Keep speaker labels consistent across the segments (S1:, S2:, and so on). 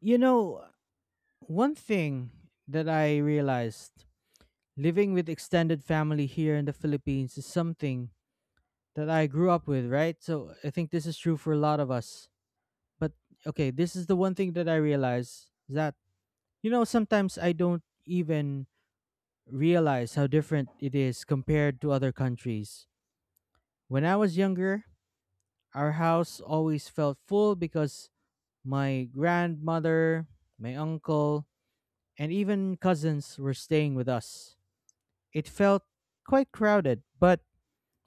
S1: You know, one thing that I realized living with extended family here in the Philippines is something that I grew up with, right? So I think this is true for a lot of us. But okay, this is the one thing that I realized is that, you know, sometimes I don't even realize how different it is compared to other countries. When I was younger, our house always felt full because my grandmother, my uncle, and even cousins were staying with us. It felt quite crowded, but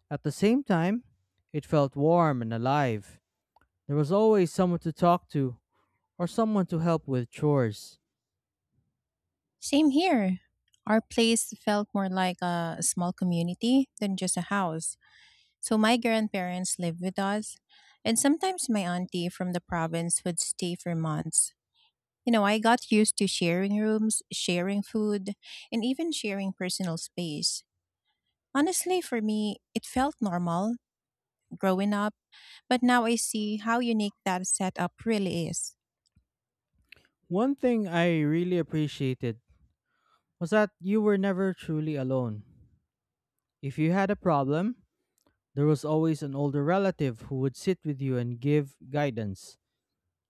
S1: at the same time, it felt warm and alive. There was always someone to talk to or someone to help with chores.
S2: Same here. Our place felt more like a small community than just a house. So my grandparents lived with us, and sometimes my auntie from the province would stay for months. You know, I got used to sharing rooms, sharing food, and even sharing personal space. Honestly, for me, it felt normal growing up, but now I see how unique that setup really is.
S1: One thing I really appreciated was that you were never truly alone. If you had a problem, there was always an older relative who would sit with you and give guidance.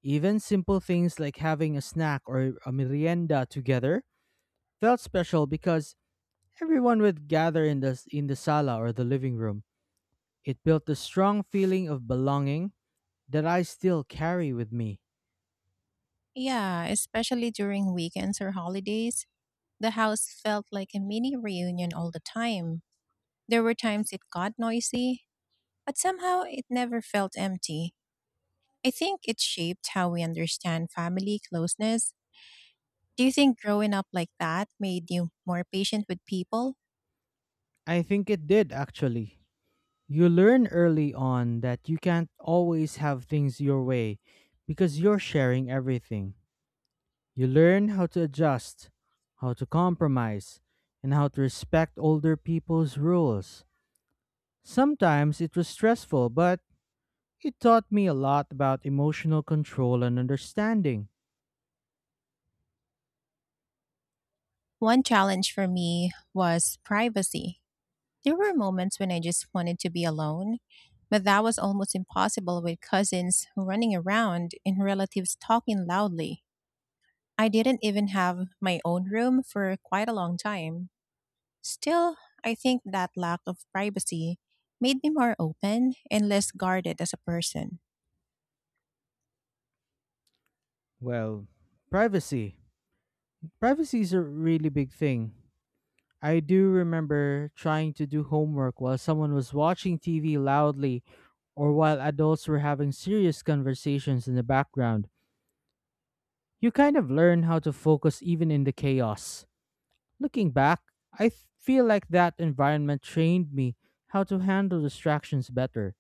S1: Even simple things like having a snack or a merienda together felt special because everyone would gather in the sala or the living room. It built a strong feeling of belonging that I still carry with me.
S2: Yeah, especially during weekends or holidays. The house felt like a mini reunion all the time. There were times it got noisy, but somehow it never felt empty. I think it shaped how we understand family closeness. Do you think growing up like that made you more patient with people?
S1: I think it did, actually. You learn early on that you can't always have things your way because you're sharing everything. You learn how to adjust, how to compromise, and how to respect older people's rules. Sometimes it was stressful, but it taught me a lot about emotional control and understanding.
S2: One challenge for me was privacy. There were moments when I just wanted to be alone, but that was almost impossible with cousins running around and relatives talking loudly. I didn't even have my own room for quite a long time. Still, I think that lack of privacy made me more open and less guarded as a person.
S1: Well, privacy. Privacy is a really big thing. I do remember trying to do homework while someone was watching TV loudly or while adults were having serious conversations in the background. You kind of learn how to focus even in the chaos. Looking back, feel like that environment trained me how to handle distractions better.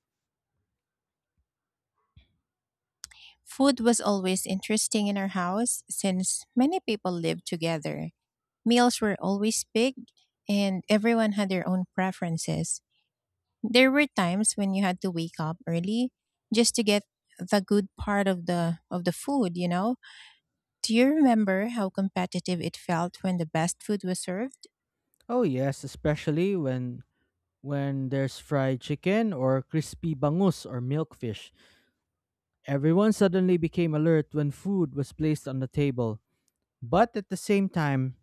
S2: Food was always interesting in our house since many people lived together. Meals were always big and everyone had their own preferences. There were times when you had to wake up early just to get the good part of the food, you know? Do you remember how competitive it felt when the best food was served?
S1: Oh yes, especially when there's fried chicken or crispy bangus or milkfish. Everyone suddenly became alert when food was placed on the table. But at the same time,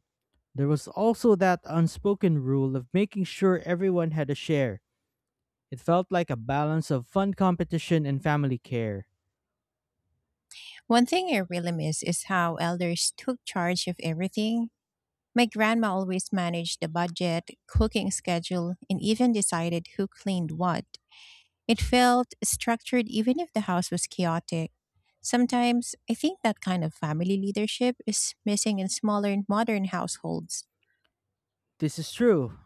S1: there was also that unspoken rule of making sure everyone had a share. It felt like a balance of fun competition and family care.
S2: One thing I really miss is how elders took charge of everything. My grandma always managed the budget, cooking schedule, and even decided who cleaned what. It felt structured even if the house was chaotic. Sometimes I think that kind of family leadership is missing in smaller and modern households.
S1: This is true,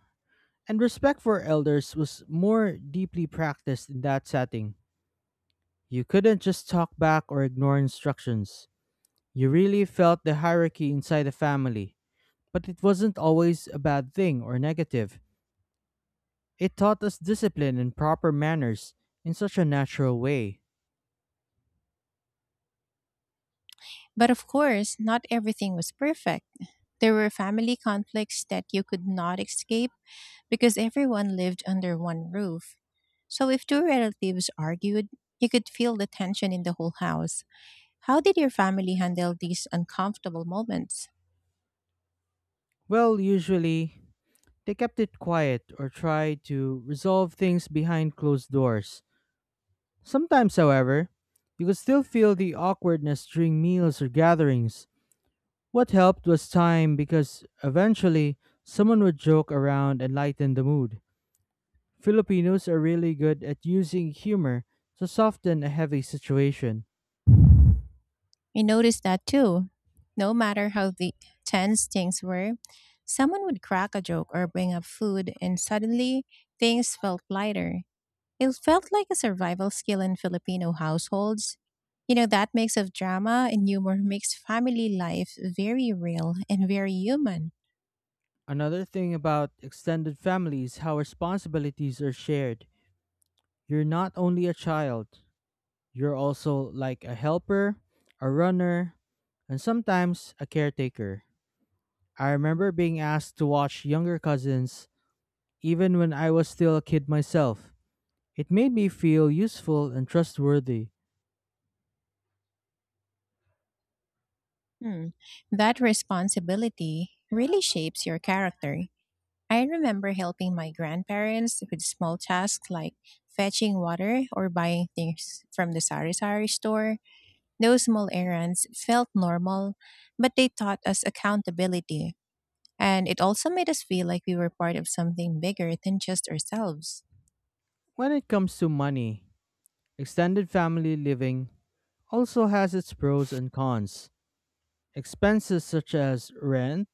S1: and respect for elders was more deeply practiced in that setting. You couldn't just talk back or ignore instructions. You really felt the hierarchy inside the family, but it wasn't always a bad thing or negative. It taught us discipline and proper manners in such a natural way.
S2: But of course, not everything was perfect. There were family conflicts that you could not escape because everyone lived under one roof. So if two relatives argued, you could feel the tension in the whole house. How did your family handle these uncomfortable moments?
S1: Well, usually, they kept it quiet or tried to resolve things behind closed doors. Sometimes, however, you could still feel the awkwardness during meals or gatherings. What helped was time because eventually someone would joke around and lighten the mood. Filipinos are really good at using humor to soften a heavy situation.
S2: We noticed that too. No matter how the tense things were, someone would crack a joke or bring up food, and suddenly things felt lighter. It felt like a survival skill in Filipino households. You know, that mix of drama and humor makes family life very real and very human.
S1: Another thing about extended families how responsibilities are shared. You're not only a child, you're also like a helper, a runner, and sometimes a caretaker. I remember being asked to watch younger cousins even when I was still a kid myself. It made me feel useful and trustworthy.
S2: Hmm. That responsibility really shapes your character. I remember helping my grandparents with small tasks like fetching water or buying things from the sari sari store. Those small errands felt normal, but they taught us accountability. And it also made us feel like we were part of something bigger than just ourselves.
S1: When it comes to money, extended family living also has its pros and cons. Expenses such as rent,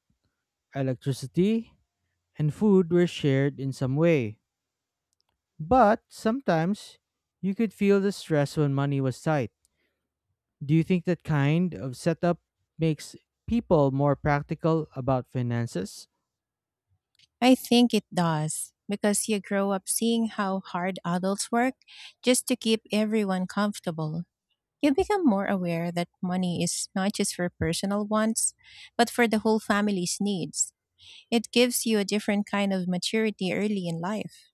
S1: electricity, and food were shared in some way. But sometimes you could feel the stress when money was tight. Do you think that kind of setup makes people more practical about finances?
S2: I think it does, because you grow up seeing how hard adults work just to keep everyone comfortable. You become more aware that money is not just for personal wants, but for the whole family's needs. It gives you a different kind of maturity early in life.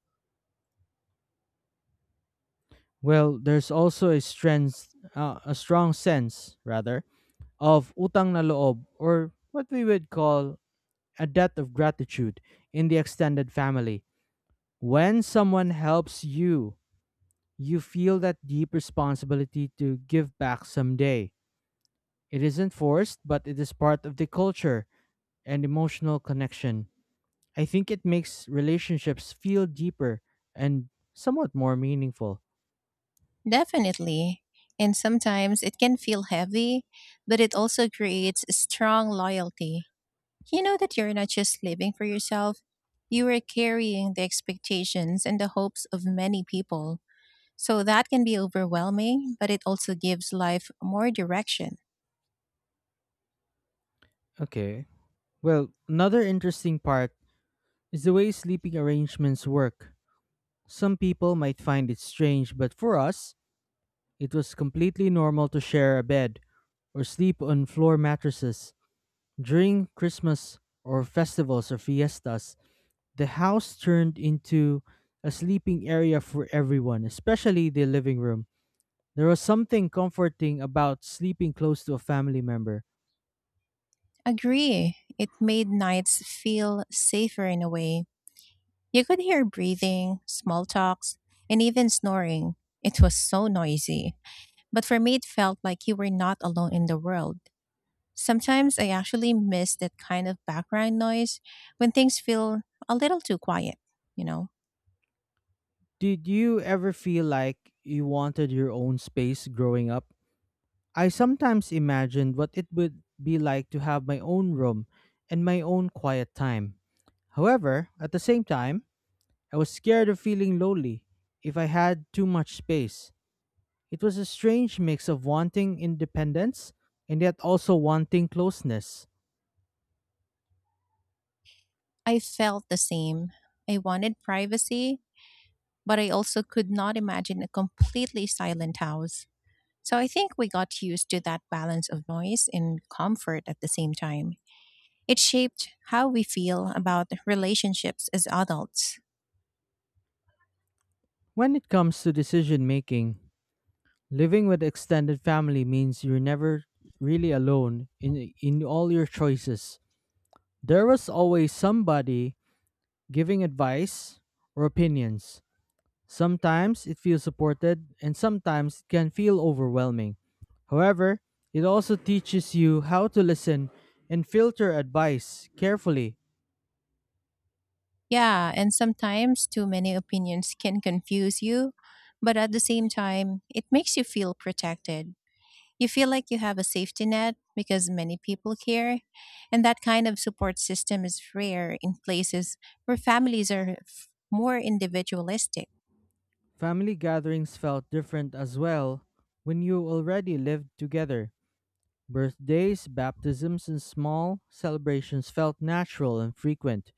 S1: Well, there's also a strong sense rather of utang na loob or what we would call a debt of gratitude in the extended family. When someone helps you, you feel that deep responsibility to give back someday. It isn't forced, but it is part of the culture and emotional connection. I think it makes relationships feel deeper and somewhat more meaningful.
S2: Definitely. And sometimes it can feel heavy, but it also creates a strong loyalty. You know that you're not just living for yourself, you are carrying the expectations and the hopes of many people. So that can be overwhelming, but it also gives life more direction.
S1: Okay. Well, another interesting part is the way sleeping arrangements work. Some people might find it strange, but for us, it was completely normal to share a bed or sleep on floor mattresses. During Christmas or festivals or fiestas, the house turned into a sleeping area for everyone, especially the living room. There was something comforting about sleeping close to a family member.
S2: Agree. It made nights feel safer in a way. You could hear breathing, small talks, and even snoring. It was so noisy. But for me, it felt like you were not alone in the world. Sometimes I actually miss that kind of background noise when things feel a little too quiet, you know?
S1: Did you ever feel like you wanted your own space growing up? I sometimes imagined what it would be like to have my own room and my own quiet time. However, at the same time, I was scared of feeling lonely if I had too much space. It was a strange mix of wanting independence and yet also wanting closeness.
S2: I felt the same. I wanted privacy, but I also could not imagine a completely silent house. So I think we got used to that balance of noise and comfort at the same time. It shaped how we feel about relationships as adults.
S1: When it comes to decision making, living with extended family means you're never really alone in all your choices. There was always somebody giving advice or opinions. Sometimes it feels supported, and sometimes it can feel overwhelming. However, it also teaches you how to listen and filter advice carefully.
S2: Yeah, and sometimes too many opinions can confuse you, but at the same time, it makes you feel protected. You feel like you have a safety net because many people care, and that kind of support system is rare in places where families are more individualistic.
S1: Family gatherings felt different as well when you already lived together. Birthdays, baptisms, and small celebrations felt natural and frequent.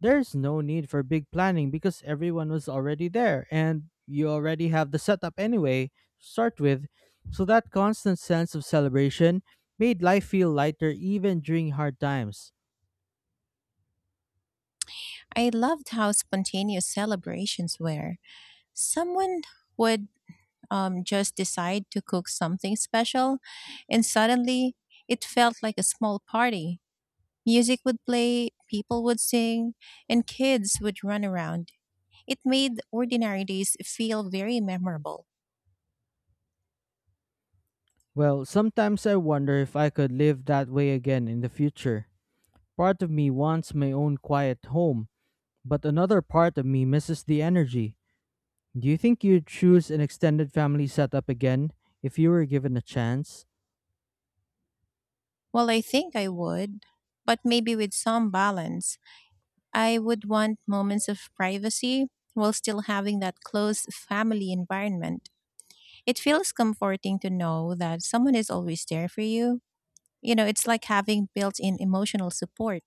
S1: There's no need for big planning because everyone was already there and you already have the setup anyway to start with. So that constant sense of celebration made life feel lighter even during hard times.
S2: I loved how spontaneous celebrations were. Someone would just decide to cook something special, and suddenly it felt like a small party. Music would play, people would sing, and kids would run around. It made ordinary days feel very memorable.
S1: Well, sometimes I wonder if I could live that way again in the future. Part of me wants my own quiet home. But another part of me misses the energy. Do you think you'd choose an extended family setup again if you were given a chance?
S2: Well, I think I would, but maybe with some balance. I would want moments of privacy while still having that close family environment. It feels comforting to know that someone is always there for you. You know, it's like having built in emotional support.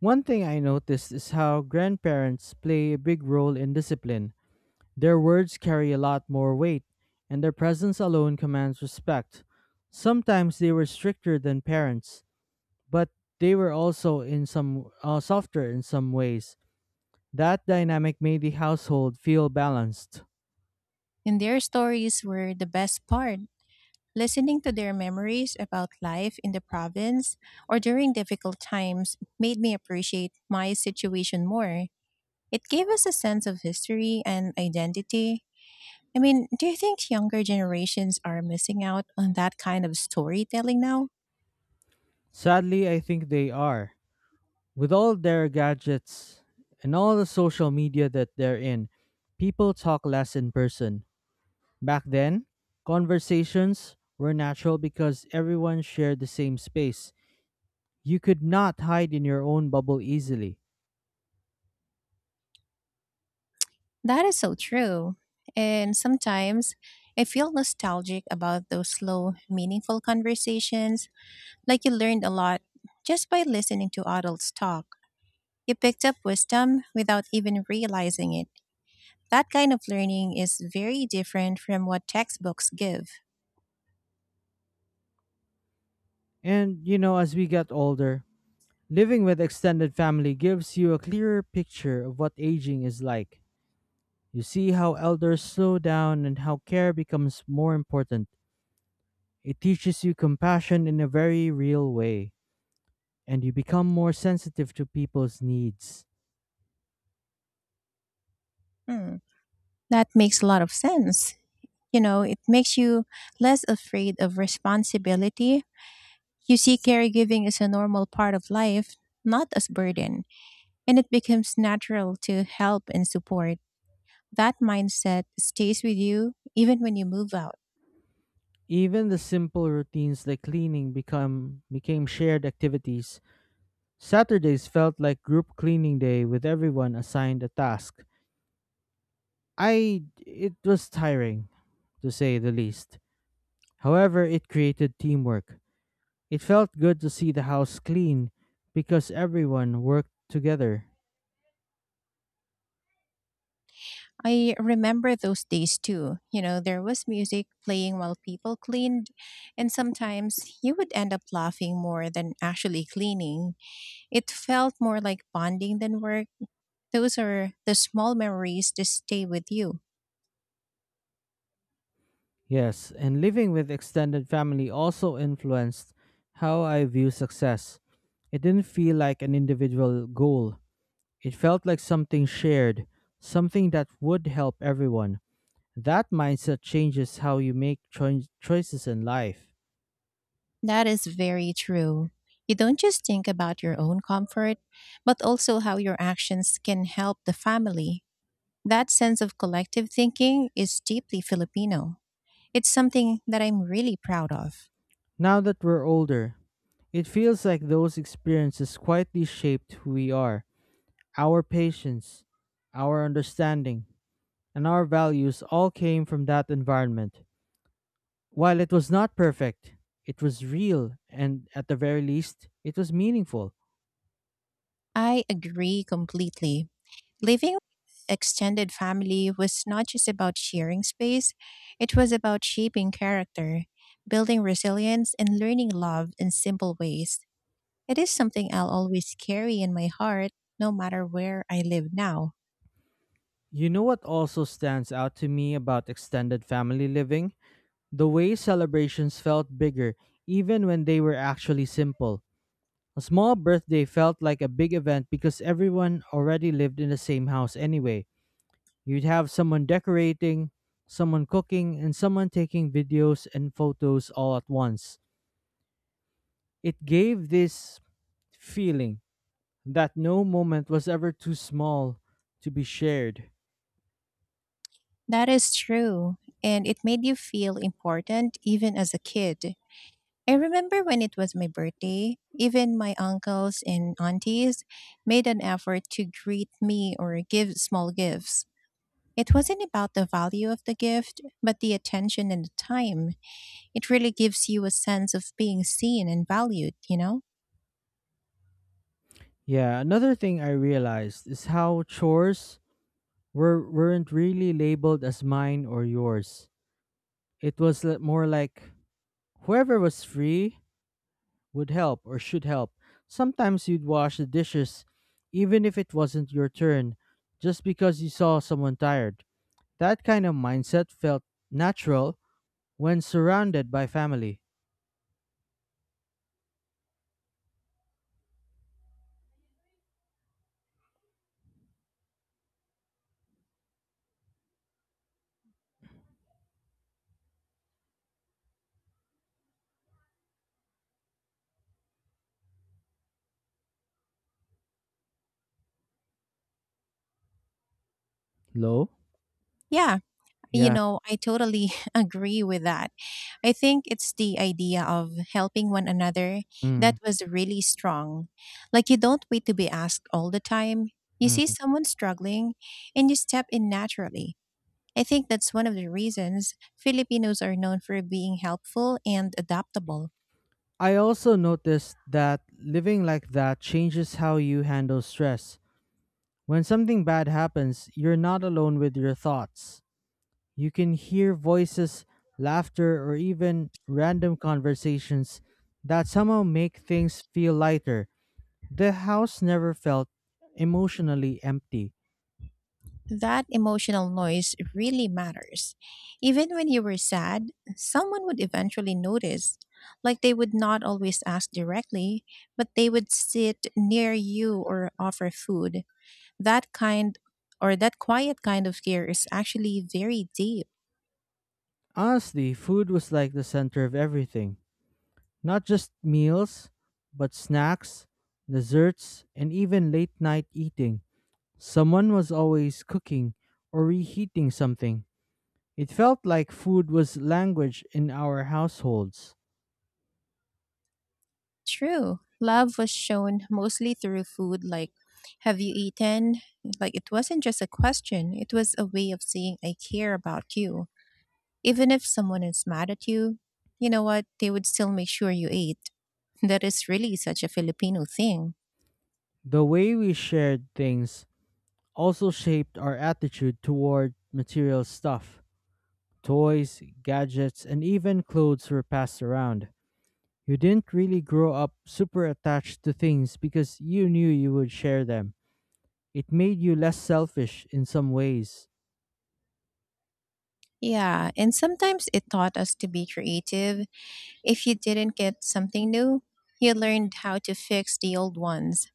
S1: One thing I noticed is how grandparents play a big role in discipline. Their words carry a lot more weight, and their presence alone commands respect. Sometimes they were stricter than parents, but they were also in some softer in some ways. That dynamic made the household feel balanced.
S2: And their stories were the best part. Listening to their memories about life in the province or during difficult times made me appreciate my situation more. It gave us a sense of history and identity. I mean, do you think younger generations are missing out on that kind of storytelling now?
S1: Sadly, I think they are. With all their gadgets and all the social media that they're in, people talk less in person. Back then, conversations were natural because everyone shared the same space. You could not hide in your own bubble easily.
S2: That is so true. And sometimes I feel nostalgic about those slow, meaningful conversations. Like you learned a lot just by listening to adults talk. You picked up wisdom without even realizing it. That kind of learning is very different from what textbooks give.
S1: And, you know, as we get older, living with extended family gives you a clearer picture of what aging is like. You see how elders slow down and how care becomes more important. It teaches you compassion in a very real way, and you become more sensitive to people's needs.
S2: Hmm. That makes a lot of sense. You know, it makes you less afraid of responsibility. You see caregiving as a normal part of life, not as burden, and it becomes natural to help and support. That mindset stays with you even when you move out.
S1: Even the simple routines like cleaning become became shared activities. Saturdays felt like group cleaning day with everyone assigned a task. I it was tiring to say the least. However, it created teamwork. It felt good to see the house clean because everyone worked together.
S2: I remember those days too. You know, there was music playing while people cleaned, and sometimes you would end up laughing more than actually cleaning. It felt more like bonding than work. Those are the small memories that stay with you.
S1: Yes, and living with extended family also influenced how I view success. It didn't feel like an individual goal, it felt like something shared, something that would help everyone. That mindset changes how you make choices in life.
S2: That is very true. You don't just think about your own comfort, but also how your actions can help the family. That sense of collective thinking is deeply Filipino. It's something that I'm really proud of.
S1: Now that we're older, it feels like those experiences quietly shaped who we are. Our patience, our understanding, and our values all came from that environment. While it was not perfect, it was real, and at the very least, it was meaningful.
S2: I agree completely. Living with extended family was not just about sharing space, it was about shaping character, building resilience, and learning love in simple ways. It is something I'll always carry in my heart, no matter where I live now.
S1: You know what also stands out to me about extended family living? The way celebrations felt bigger, even when they were actually simple. A small birthday felt like a big event because everyone already lived in the same house anyway. You'd have someone decorating, someone cooking, and someone taking videos and photos all at once. It gave this feeling that no moment was ever too small to be shared.
S2: That is true, and it made you feel important even as a kid. I remember when it was my birthday, even my uncles and aunties made an effort to greet me or give small gifts. It wasn't about the value of the gift, but the attention and the time. It really gives you a sense of being seen and valued, you know?
S1: Yeah, another thing I realized is how chores weren't really labeled as mine or yours. It was more like whoever was free would help or should help. Sometimes you'd wash the dishes even if it wasn't your turn just because you saw someone tired. That kind of mindset felt natural when surrounded by family. Low?
S2: Yeah, you
S1: Yeah.
S2: know, I totally agree with that. I think it's the idea of helping one another that
S1: Mm.
S2: was really strong. Like, you don't wait to be asked all the time. You see
S1: Mm.
S2: someone struggling and you step in naturally. I think that's one of the reasons Filipinos are known for being helpful and adaptable.
S1: I also noticed that living like that changes how you handle stress. When something bad happens, you're not alone with your thoughts. You can hear voices, laughter, or even random conversations that somehow make things feel lighter. The house never felt emotionally empty.
S2: That emotional noise really matters. Even when you were sad, someone would eventually notice. Like they would not always ask directly, but they would sit near you or offer food. That kind that quiet kind of care is actually very deep.
S1: Honestly, food was like the center of everything. Not just meals, but snacks, desserts, and even late night eating. Someone was always cooking or reheating something. It felt like food was language in our households.
S2: True. Love was shown mostly through food like have you eaten? Like it wasn't just a question, it was a way of saying I care about you. Even if someone is mad at you, you know what? They would still make sure you ate. That is really such a Filipino thing.
S1: The way we shared things also shaped our attitude toward material stuff. Toys, gadgets, and even clothes were passed around. You didn't really grow up super attached to things because you knew you would share them. It made you less selfish in some ways.
S2: Yeah, and sometimes it taught us to be creative. If you didn't get something new, you learned how to fix the old ones,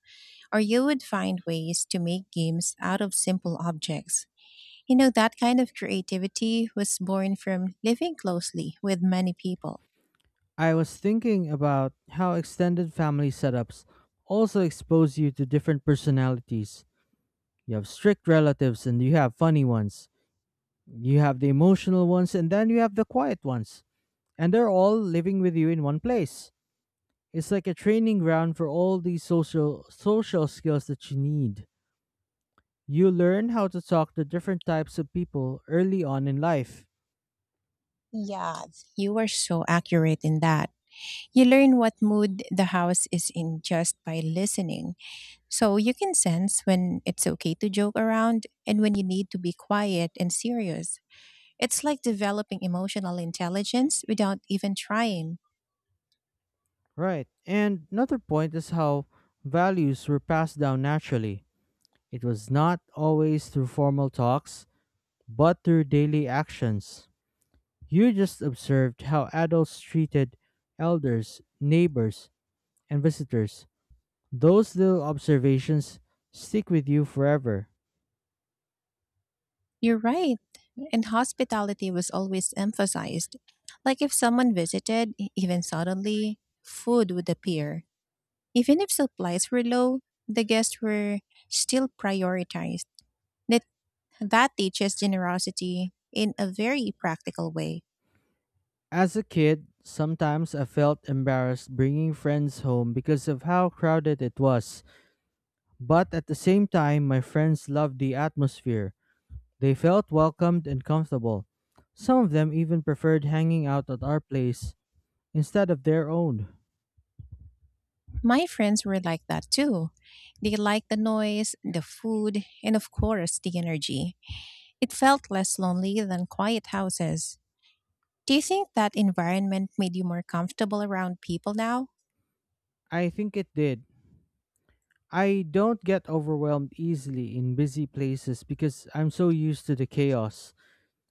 S2: or you would find ways to make games out of simple objects. You know, that kind of creativity was born from living closely with many people.
S1: I was thinking about how extended family setups also expose you to different personalities. You have strict relatives and you have funny ones. You have the emotional ones and then you have the quiet ones. And they're all living with you in one place. It's like a training ground for all these social skills that you need. You learn how to talk to different types of people early on in life.
S2: Yeah, you are so accurate in that. You learn what mood the house is in just by listening, so you can sense when it's okay to joke around and when you need to be quiet and serious. It's like developing emotional intelligence without even trying.
S1: Right. And another point is how values were passed down naturally. It was not always through formal talks, but through daily actions. You just observed how adults treated elders, neighbors, and visitors. Those little observations stick with you forever.
S2: You're right. And hospitality was always emphasized. Like if someone visited, even suddenly, food would appear. Even if supplies were low, the guests were still prioritized. That That teaches generosity in a very practical way.
S1: As a kid, sometimes I felt embarrassed bringing friends home because of how crowded it was, but at the same time, my friends loved the atmosphere. They felt welcomed and comfortable. Some of them even preferred hanging out at our place instead of their own.
S2: My friends were like that too. They liked the noise, the food, and of course, the energy. It felt less lonely than quiet houses. Do you think that environment made you more comfortable around people now?
S1: I think it did. I don't get overwhelmed easily in busy places because I'm so used to the chaos.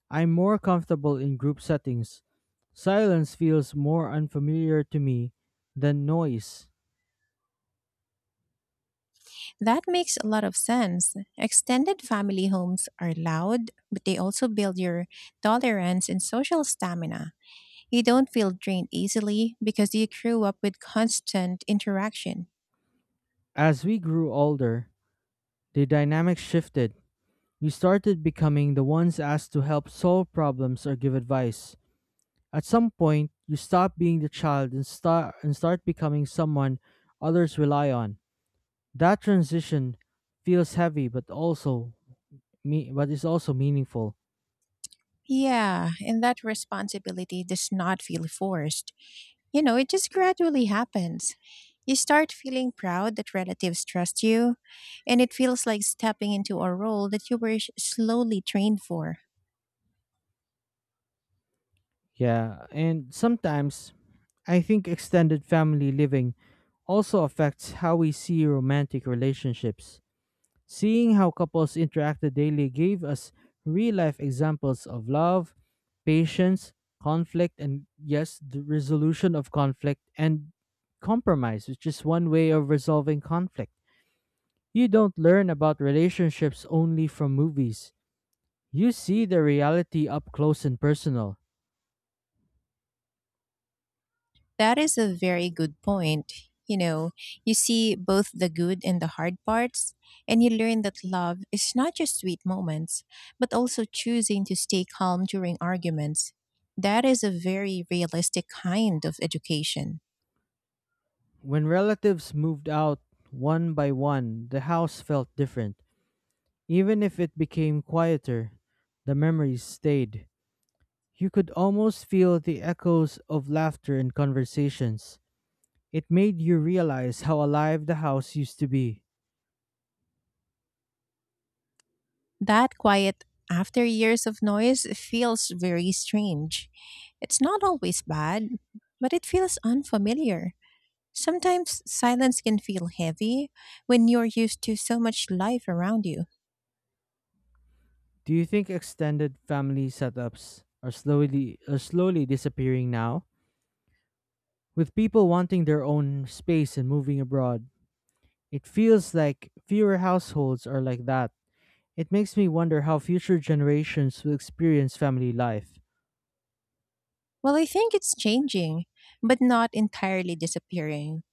S1: I'm more comfortable in group settings. Silence feels more unfamiliar to me than noise.
S2: That makes a lot of sense. Extended family homes are loud, but they also build your tolerance and social stamina. You don't feel drained easily because you grew up with constant interaction.
S1: As we grew older, the dynamic shifted. We started becoming the ones asked to help solve problems or give advice. At some point, you stop being the child and start becoming someone others rely on. That transition feels heavy but also me but is also meaningful.
S2: Yeah, and that responsibility does not feel forced. You know, it just gradually happens. You start feeling proud that relatives trust you, and it feels like stepping into a role that you were slowly trained for.
S1: Yeah, and sometimes I think extended family living also affects how we see romantic relationships. Seeing how couples interacted daily gave us real life examples of love, patience, conflict, and yes, the resolution of conflict and compromise, which is one way of resolving conflict. You don't learn about relationships only from movies. You see the reality up close and personal.
S2: That is a very good point. You know, you see both the good and the hard parts, and you learn that love is not just sweet moments, but also choosing to stay calm during arguments. That is a very realistic kind of education.
S1: When relatives moved out one by one, the house felt different. Even if it became quieter, the memories stayed. You could almost feel the echoes of laughter and conversations. It made you realize how alive the house used to be.
S2: That quiet after years of noise feels very strange. It's not always bad, but it feels unfamiliar. Sometimes silence can feel heavy when you're used to so much life around you.
S1: Do you think extended family setups are slowly disappearing now? With people wanting their own space and moving abroad, it feels like fewer households are like that. It makes me wonder how future generations will experience family life.
S2: Well, I think it's changing, but not entirely disappearing.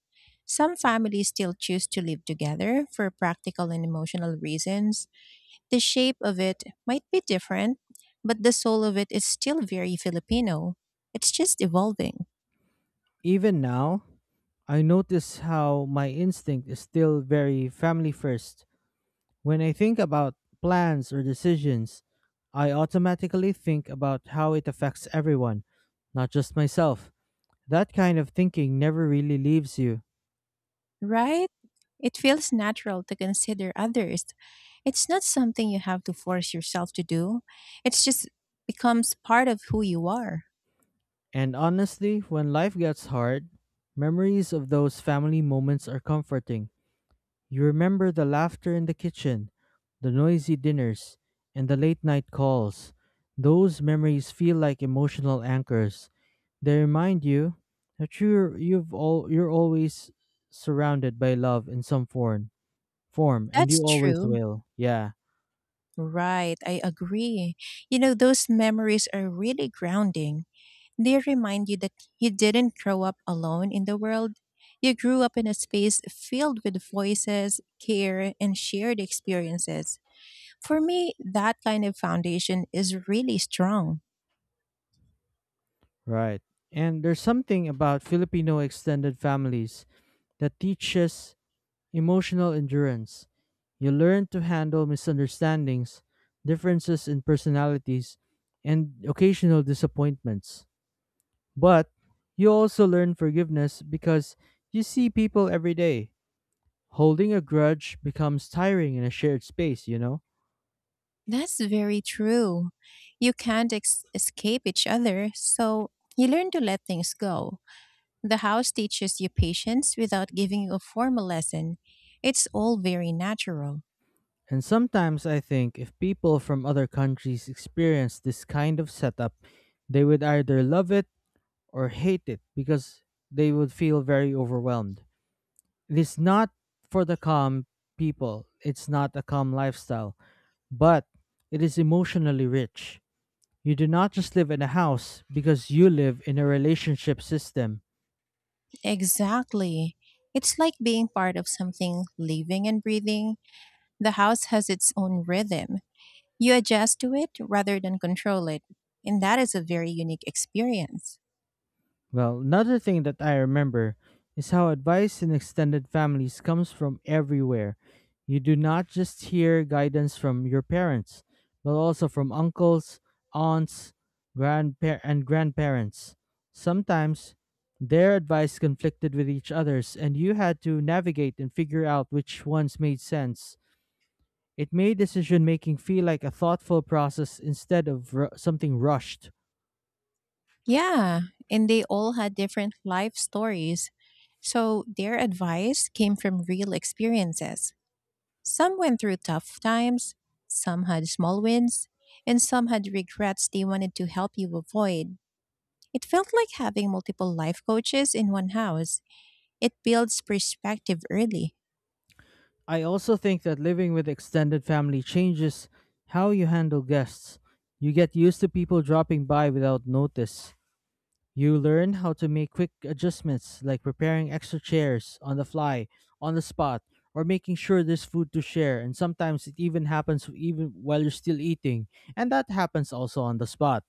S2: Some families still choose to live together for practical and emotional reasons. The shape of it might be different, but the soul of it is still very Filipino. It's just evolving.
S1: Even now, I notice how my instinct is still very family first. When I think about plans or decisions, I automatically think about how it affects everyone, not just myself. That kind of thinking never really leaves you.
S2: Right? It feels natural to consider others. It's not something you have to force yourself to do. It's just becomes part of who you are.
S1: And honestly, when life gets hard, memories of those family moments are comforting. You remember the laughter in the kitchen, the noisy dinners, and the late night calls. Those memories feel like emotional anchors. They remind you that you're you've all you're always surrounded by love in some form and you
S2: That's
S1: always
S2: true.
S1: will. Yeah,
S2: Right, I agree. You know, those memories are really grounding. They remind you that you didn't grow up alone in the world. You grew up in a space filled with voices, care, and shared experiences. For me, that kind of foundation is really strong.
S1: right. And there's something about Filipino extended families that teaches emotional endurance. You learn to handle misunderstandings, differences in personalities, and occasional disappointments. But you also learn forgiveness because you see people every day. Holding a grudge becomes tiring in a shared space, you know?
S2: That's very true. You can't escape each other, so you learn to let things go. The house teaches you patience without giving you a formal lesson. It's all very natural.
S1: And sometimes I think if people from other countries experience this kind of setup, they would either love it or hate it because they would feel very overwhelmed. It is not for the calm people. It's not a calm lifestyle, but it is emotionally rich. You do not just live in a house because you live in a relationship system.
S2: Exactly. It's like being part of something living and breathing. The house has its own rhythm. You adjust to it rather than control it. And that is a very unique experience.
S1: Well, another thing that I remember is how advice in extended families comes from everywhere. You do not just hear guidance from your parents, but also from uncles, aunts, and grandparents. Sometimes their advice conflicted with each other's, and you had to navigate and figure out which ones made sense. It made decision making feel like a thoughtful process instead of something rushed.
S2: Yeah, and they all had different life stories. So their advice came from real experiences. Some went through tough times, some had small wins, and some had regrets they wanted to help you avoid. It felt like having multiple life coaches in one house. It builds perspective early.
S1: I also think that living with extended family changes how you handle guests. You get used to people dropping by without notice. You learn how to make quick adjustments like preparing extra chairs on the fly, on the spot, or making sure there's food to share. And sometimes it even happens even while you're still eating. And that happens also on the spot.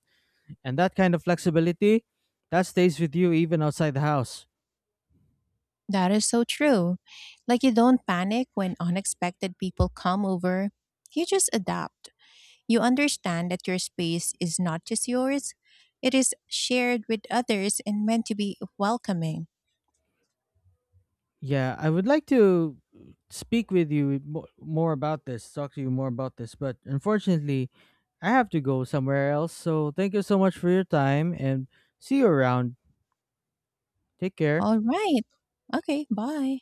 S1: And that kind of flexibility that stays with you even outside the house.
S2: That is so true. Like you don't panic when unexpected people come over, you just adapt. You understand that your space is not just yours, it is shared with others and meant to be welcoming.
S1: Yeah, I would like to speak with you mo- more about this, talk to you more about this, but unfortunately, I have to go somewhere else. So, thank you so much for your time and see you around. Take care.
S2: All right. Okay, bye.